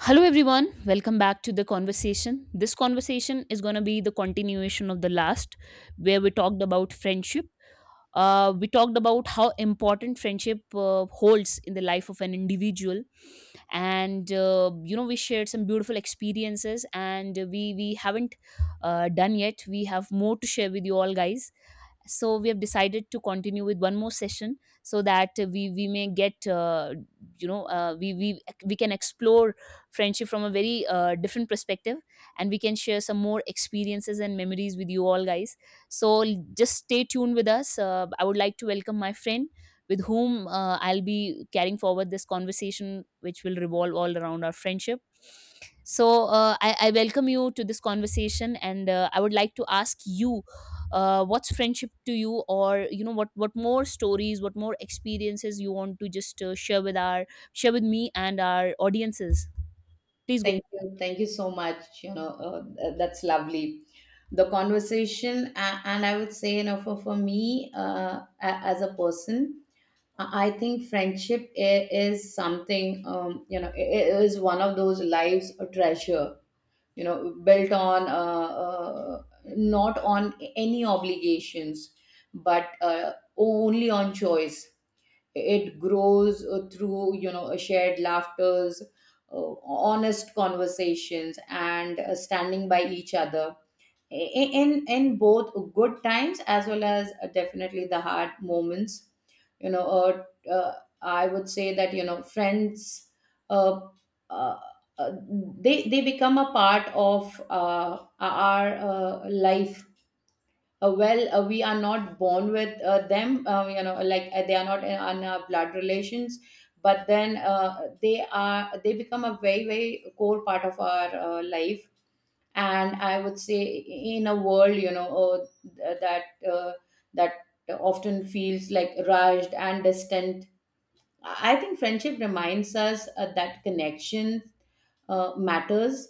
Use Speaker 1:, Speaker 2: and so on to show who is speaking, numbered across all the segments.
Speaker 1: Hello, everyone. Welcome back to the conversation. This conversation is going to be the continuation of the last, where we talked about friendship. We talked about how important friendship holds in the life of an individual, and you know we shared some beautiful experiences, and we haven't done yet. We have more to share with you all, guys, so we have decided to continue with one more session so that we may get, you know uh, we we we can explore friendship from a very different perspective, and we can share some more experiences and memories with you all guys. So just stay tuned with us. Uh, I would like to welcome my friend with whom I'll be carrying forward this conversation, which will revolve all around our friendship. So I welcome you to this conversation, and I would like to ask you, what's friendship to you, or you know what more stories, what more experiences you want to just share with our share with me and our audiences? Please go
Speaker 2: Thank
Speaker 1: to
Speaker 2: you. Thank you so much. You know, that's lovely. And I would say, you know, for me as a person, I think friendship is something, you know, is one of those lives a treasure, you know, built on not on any obligations, but only on choice. It grows through you know a shared laughters, honest conversations, and standing by each other, in both good times as well as definitely the hard moments, you know uh, I would say that you know friends uh, uh, uh, they they become a part of our life. Well, we are not born with them, you know, like they are not on our blood relations, but then they become a very very core part of our life. And I would say in a world, you know th- that uh, that often feels like rushed and distant, I think friendship reminds us that connection matters,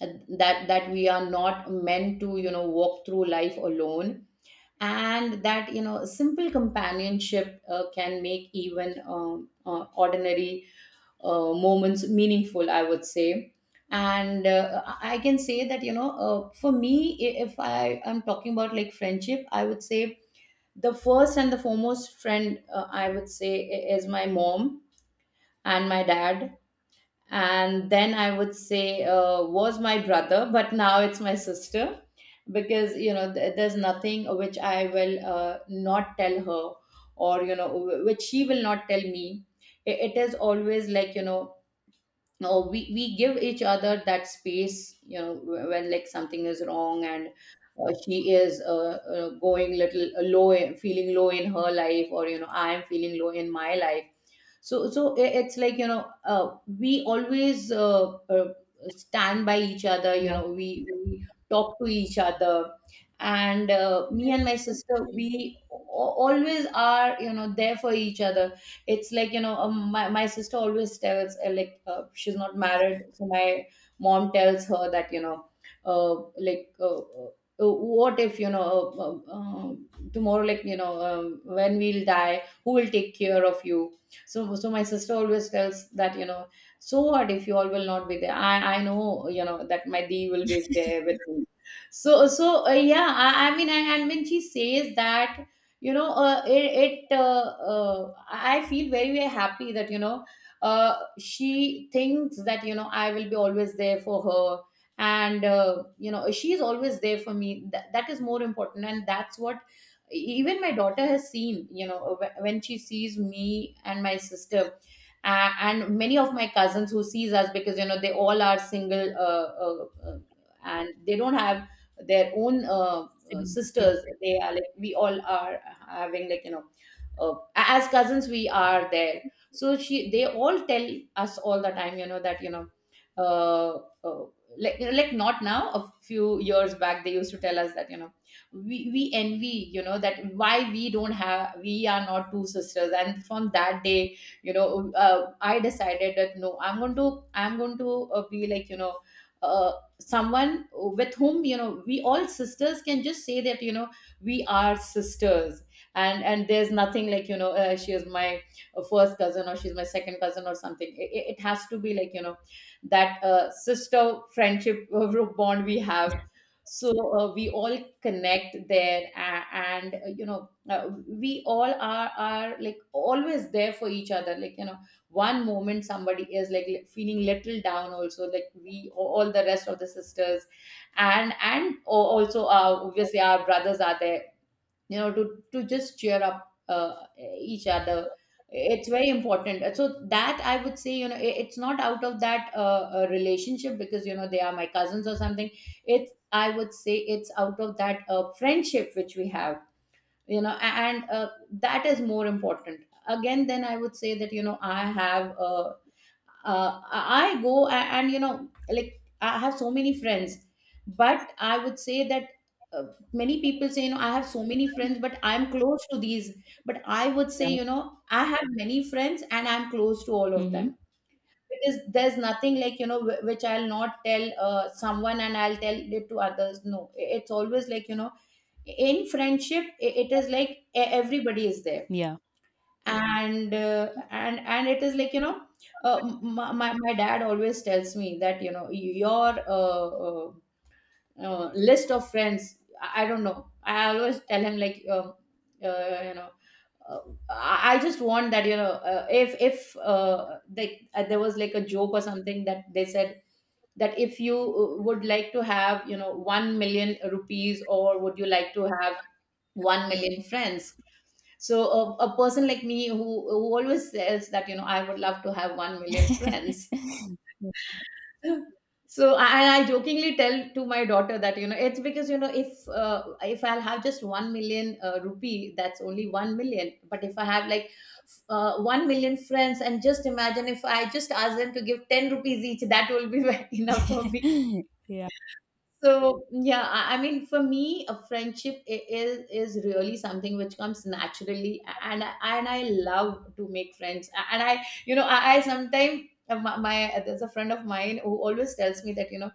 Speaker 2: uh, that we are not meant to, you know, walk through life alone, and that, you know, simple companionship can make even ordinary moments meaningful, I would say. And I can say that, you know, for me, if I am talking about like friendship, I would say the first and the foremost friend, I would say, is my mom and my dad. And then I would say was my brother, but now it's my sister, because you know there's nothing which I will not tell her, or you know which she will not tell me. It is always like, you know, no, we give each other that space, you know, when like something is wrong, and she is going little low, feeling low in her life, or you know I am feeling low in my life. So it's like, you know, we always stand by each other, you know, we talk to each other. And me and my sister, we always are, you know, there for each other. It's like, you know, my sister always tells she's not married, so my mom tells her that, you know, like what if you know uh, uh, tomorrow, like you know, when we'll die, who will take care of you. So so my sister always tells that, you know, so what if you all will not be there, I know, you know, that my dee will be there with me. So so yeah, I mean, and when she says that, you know, it I feel very very happy that, you know, she thinks that, you know, I will be always there for her, and you know, she's always there for me. That, that is more important, and that's what even my daughter has seen, you know, when she sees me and my sister, and many of my cousins who sees us, because you know they all are single, uh, uh, and they don't have their own
Speaker 1: siblings, yeah.
Speaker 2: sisters. They are like, we all are having, like you know, as cousins, we are there. So she, they all tell us all the time, you know, that you know uh, uh, like like not now, a few years back, they used to tell us that, you know, we envy, you know, that why we don't have, we are not two sisters. And from that day, you know, I decided that no, I'm going to be like, you know, uh, someone with whom, you know, we all sisters can just say that, you know, we are sisters. And there's nothing like, you know, she is my first cousin or she's my second cousin or something. It has to be like, you know, that sister friendship bond we have. So we all connect there, and you know, we all are like always there for each other. Like you know, one moment somebody is like feeling little down also, like we all, the rest of the sisters, and also obviously our brothers are there, you know, to just cheer up each other. It's very important. So that, I would say, you know, it's not out of that relationship because you know they are my cousins or something. It's I would say it's out of that friendship which we have, you know, and that is more important. Again, then I would say that you know I have a I go a- and, you know, like I have so many friends, but I would say that uh, many people say, you know, I have so many friends, but I'm close to these. But I would say,
Speaker 1: Yeah.
Speaker 2: you know, I have many friends and I'm close to all of
Speaker 1: mm-hmm.
Speaker 2: them. Because there's nothing like, you know, which I'll not tell someone and I'll tell it to others. No, it's always like, you know, in friendship, it is like everybody is there.
Speaker 1: Yeah.
Speaker 2: And and it is like, you know, my dad always tells me that you know your list of friends, I don't know. I always tell him like, you know, uh, I just want that, you know, if like there was like a joke or something that they said, that if you would like to have, you know, 1 million rupees, or would you like to have 1 million friends. So a person like me, who always says that, you know, I would love to have 1 million friends. So I jokingly tell to my daughter that, you know, it's because, you know, if I'll have just 1 million rupee, that's only 1 million. But if I have like 1 million friends, and just imagine if I just ask them to give 10 rupees each, that will be enough for me.
Speaker 1: yeah.
Speaker 2: So yeah, I mean, for me, a friendship is really something which comes naturally, and I love to make friends. And I, you know, I sometimes, my there's a friend of mine who always tells me that, you know,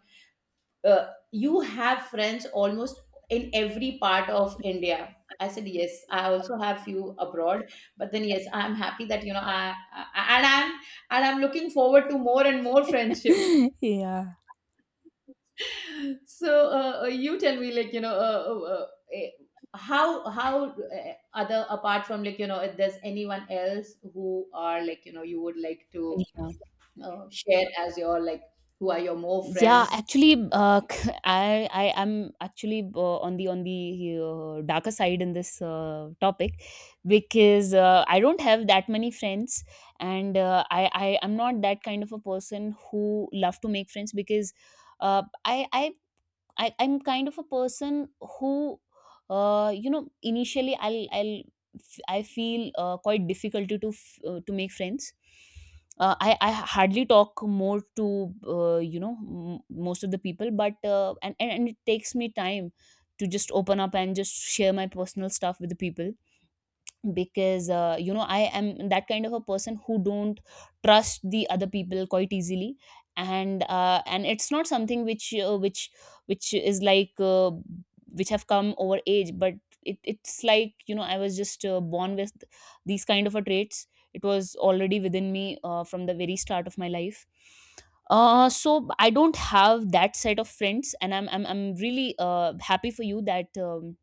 Speaker 2: you have friends almost in every part of India. I said yes, I also have few abroad, but then yes, I'm happy that, you know, I and I'm looking forward to more and more friendship.
Speaker 1: yeah.
Speaker 2: So you tell me, like you know, eh, how other, apart from, like you know, if there's anyone else who are, like you know, you would like to
Speaker 1: yeah.
Speaker 2: share as your like, who are your more
Speaker 1: Yeah,
Speaker 2: friends.
Speaker 1: actually, I am actually on the darker side in this topic, because I don't have that many friends, and I am not that kind of a person who love to make friends, because uh, I I I'm kind of a person who, you know, initially I feel quite difficulty to to make friends. I hardly talk more to you know most of the people, but and it takes me time to just open up and just share my personal stuff with the people, because you know I am that kind of a person who don't trust the other people quite easily. And and it's not something which is like which have come over age, but it, it's like you know I was just born with these kind of a traits. It was already within me from the very start of my life. Uh, so I don't have that set of friends, and I'm really happy for you that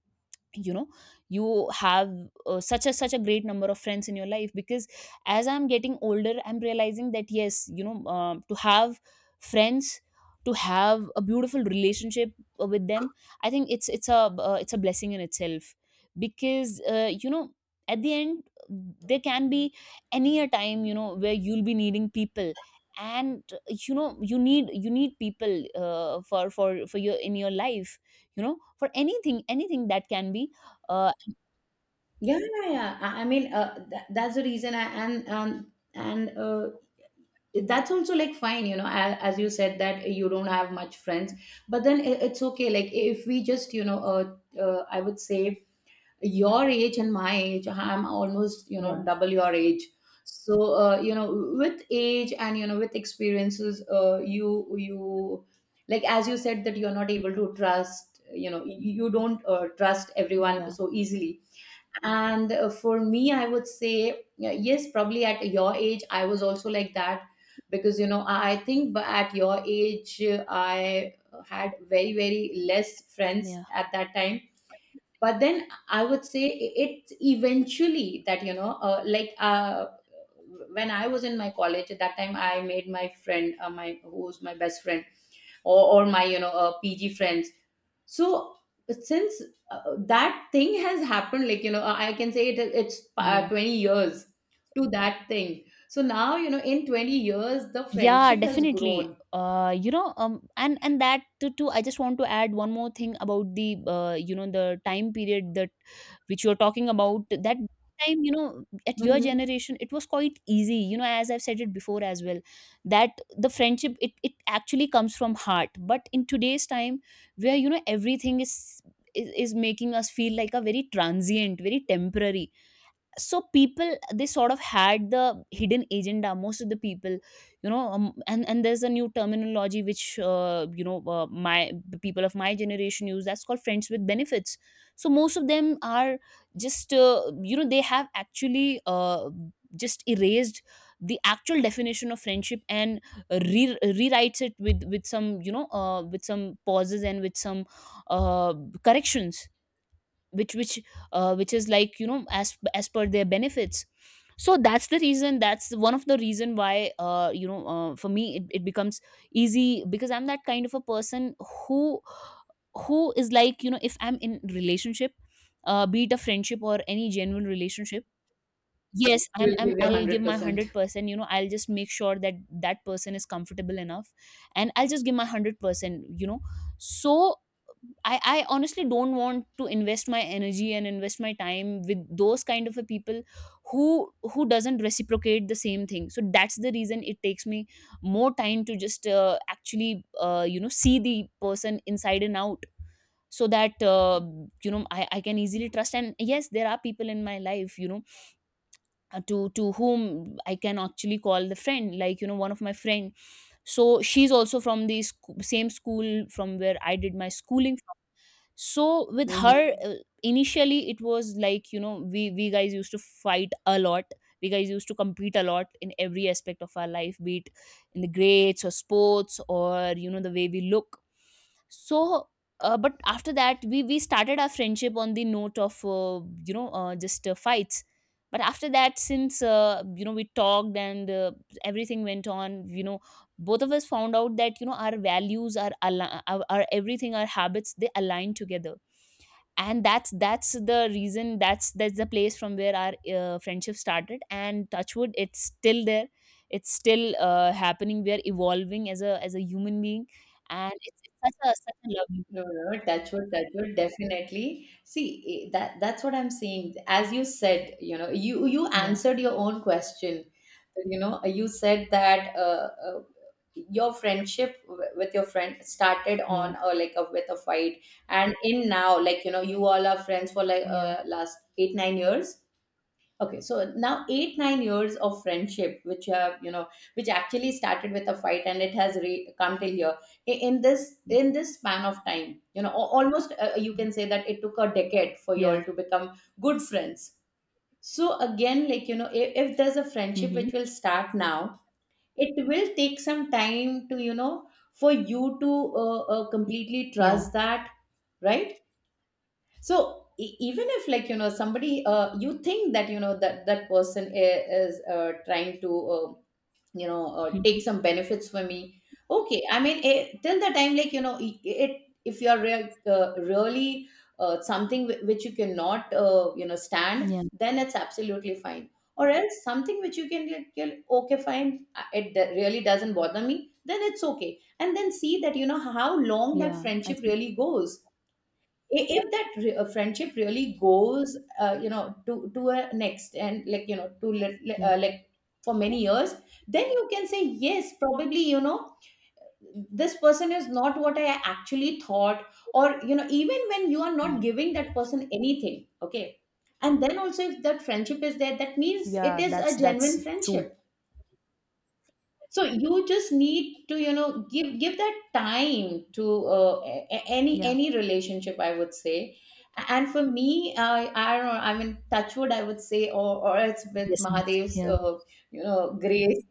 Speaker 1: you know you have such a such a great number of friends in your life, because as I'm getting older, I'm realizing that yes, you know, to have friends, to have a beautiful relationship with them, I think it's it's a blessing in itself. Because you know, at the end, there can be any a time, you know, where you'll be needing people. And you know, you need people for your in your life, you know, for anything, anything that can be. Uh.
Speaker 2: Yeah, yeah, yeah, I mean that's the reason I, and that's also like fine, you know, as you said that you don't have much friends. But then it's okay. Like if we just, you know, I would say your age and my age, I'm almost, you
Speaker 1: Yeah.
Speaker 2: know, double your age. So you know, with age and you know with experiences, you you, like as you said that you're not able to trust, you know, you don't trust everyone
Speaker 1: Yeah.
Speaker 2: so easily. And for me, I would say yeah, yes, probably at your age I was also like that. Because you know I think at your age I had very very less friends
Speaker 1: Yeah.
Speaker 2: at that time. But then I would say it's eventually that, you know, when I was in my college, at that time I made my friend, my, who's my best friend, or my, you know, pg friends. So since that thing has happened, like you know, I can say it, it's
Speaker 1: Yeah.
Speaker 2: 20 years to that thing. So now, you know, in 20 years the
Speaker 1: Yeah,
Speaker 2: friendship has
Speaker 1: definitely,
Speaker 2: grown.
Speaker 1: uh, you know, um, and that too I just want to add one more thing about the uh, you know, the time period that which you're talking about, that time, you know, at your
Speaker 2: Mhm.
Speaker 1: generation, it was quite easy, you know, as I've said it before as well, that the friendship, it actually comes from heart. But in today's time, where you know everything is is making us feel like a very transient, very temporary, so people they sort of had the hidden agenda, most of the people, you know. Um, and there's a new terminology which my the people of my generation use, that's called friends with benefits. So most of them are just you know, they have actually just erased the actual definition of friendship and rewrites it with some, you know, with some pauses and with some uh, corrections, which which which is like, you know, as per their benefits. So that's the reason, that's one of the reason why, for me it, it becomes easy, because I'm that kind of a person who who is like, you know, if I'm in relationship, be it a friendship or any genuine relationship, yes
Speaker 2: You
Speaker 1: i'm,
Speaker 2: will
Speaker 1: I'm
Speaker 2: give your
Speaker 1: I'll give
Speaker 2: 100%
Speaker 1: my
Speaker 2: percent.
Speaker 1: 100%, you know, I'll just make sure that that person is comfortable enough, and I'll just give my 100%, you know. So I honestly don't want to invest my energy and invest my time with those kind of a people who doesn't reciprocate the same thing. So that's the reason it takes me more time to just actually you know see the person inside and out. So that you know, I can easily trust. And yes, there are people in my life, you know, to whom I can actually call the friend. Like, you know, one of my friend, so she's also from the same school from where I did my schooling. So with her, initially it was like, you know, we guys used to fight a lot, we guys used to compete a lot in every aspect of our life, be it in the grades or sports or, you know, the way we look. So but after that we started our friendship on the note of, just fights. But after that, since you know, we talked, and everything went on, you know, both of us found out that you know, our values, our everything, our habits, they align together. And that's the reason, that's the place from where our friendship started, and touchwood, it's still there. It's still happening. We are evolving as a human being. And it's such a, such a lovely.
Speaker 2: No, no, no, touch wood, definitely. See, eh, that that's what I'm saying. As you said, you know, you
Speaker 1: Yeah.
Speaker 2: answered your own question. You know, you said that your friendship with your friend started
Speaker 1: Yeah.
Speaker 2: on, or like a, with a fight, and in now, like you know, you all are friends for like
Speaker 1: Yeah.
Speaker 2: last 8, 9 years. Okay, so now eight, 9 years of friendship, which have, you know, which actually started with a fight and it has come till here. In this span of time, you know, almost you can say that it took a decade for you all
Speaker 1: Yeah.
Speaker 2: to become good friends. So again, like, you know, if there's a friendship
Speaker 1: mm-hmm.
Speaker 2: which will start now, it will take some time to, you know, for you to completely
Speaker 1: Yeah.
Speaker 2: trust that, right? So even if, like you know, somebody you think that, you know, that that person is trying to, you know, take
Speaker 1: Mhm.
Speaker 2: some benefits for me, okay. I mean, eh, till the time like you know it, if you are real, really something which you cannot, you know, stand,
Speaker 1: Yeah.
Speaker 2: then it's absolutely fine. Or else something which you can, like, you're like okay fine, really doesn't bother me, then it's okay, and then see that you know how long that
Speaker 1: Yeah, I
Speaker 2: friendship
Speaker 1: think.
Speaker 2: really goes. If that friendship really goes you know to a next, and like you know to
Speaker 1: Yeah.
Speaker 2: like for many years, then you can say yes, probably you know this person is not what I actually thought. Or you know, even when you are
Speaker 1: Yeah.
Speaker 2: not giving that person anything, okay, and then also if that friendship is there, that means it
Speaker 1: Yeah,
Speaker 2: is
Speaker 1: that's
Speaker 2: a genuine
Speaker 1: that's true.
Speaker 2: friendship. So you just need to, you know, give that time to
Speaker 1: Yeah.
Speaker 2: any relationship, I would say. And for me, I don't know, I mean, touchwood, I would say, or it's with
Speaker 1: Blessings,
Speaker 2: mahadev's
Speaker 1: yeah.
Speaker 2: you know grace,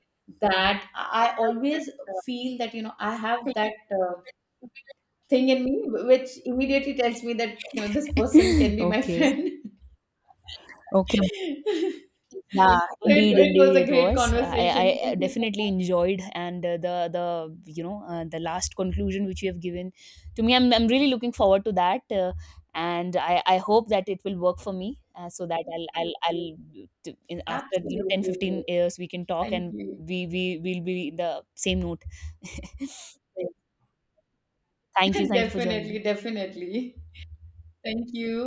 Speaker 2: that I always feel that you know I have that thing in me, which immediately tells me that you know this person can be my
Speaker 1: Okay.
Speaker 2: friend.
Speaker 1: Okay.
Speaker 2: So
Speaker 1: Yeah, indeed,
Speaker 2: it
Speaker 1: indeed,
Speaker 2: was a
Speaker 1: it
Speaker 2: great
Speaker 1: was.
Speaker 2: conversation,
Speaker 1: I
Speaker 2: thank you so
Speaker 1: definitely
Speaker 2: much.
Speaker 1: enjoyed. And the you know, the last conclusion which you have given to me, I'm really looking forward to that. Uh, and I hope that it will work for me, so that in, after you know, 10
Speaker 2: Absolutely, it
Speaker 1: 15
Speaker 2: was.
Speaker 1: years we can talk,
Speaker 2: Thank
Speaker 1: and
Speaker 2: you.
Speaker 1: we will be the same note. So, thank you, thank you for joining.
Speaker 2: Definitely, definitely. Thank you.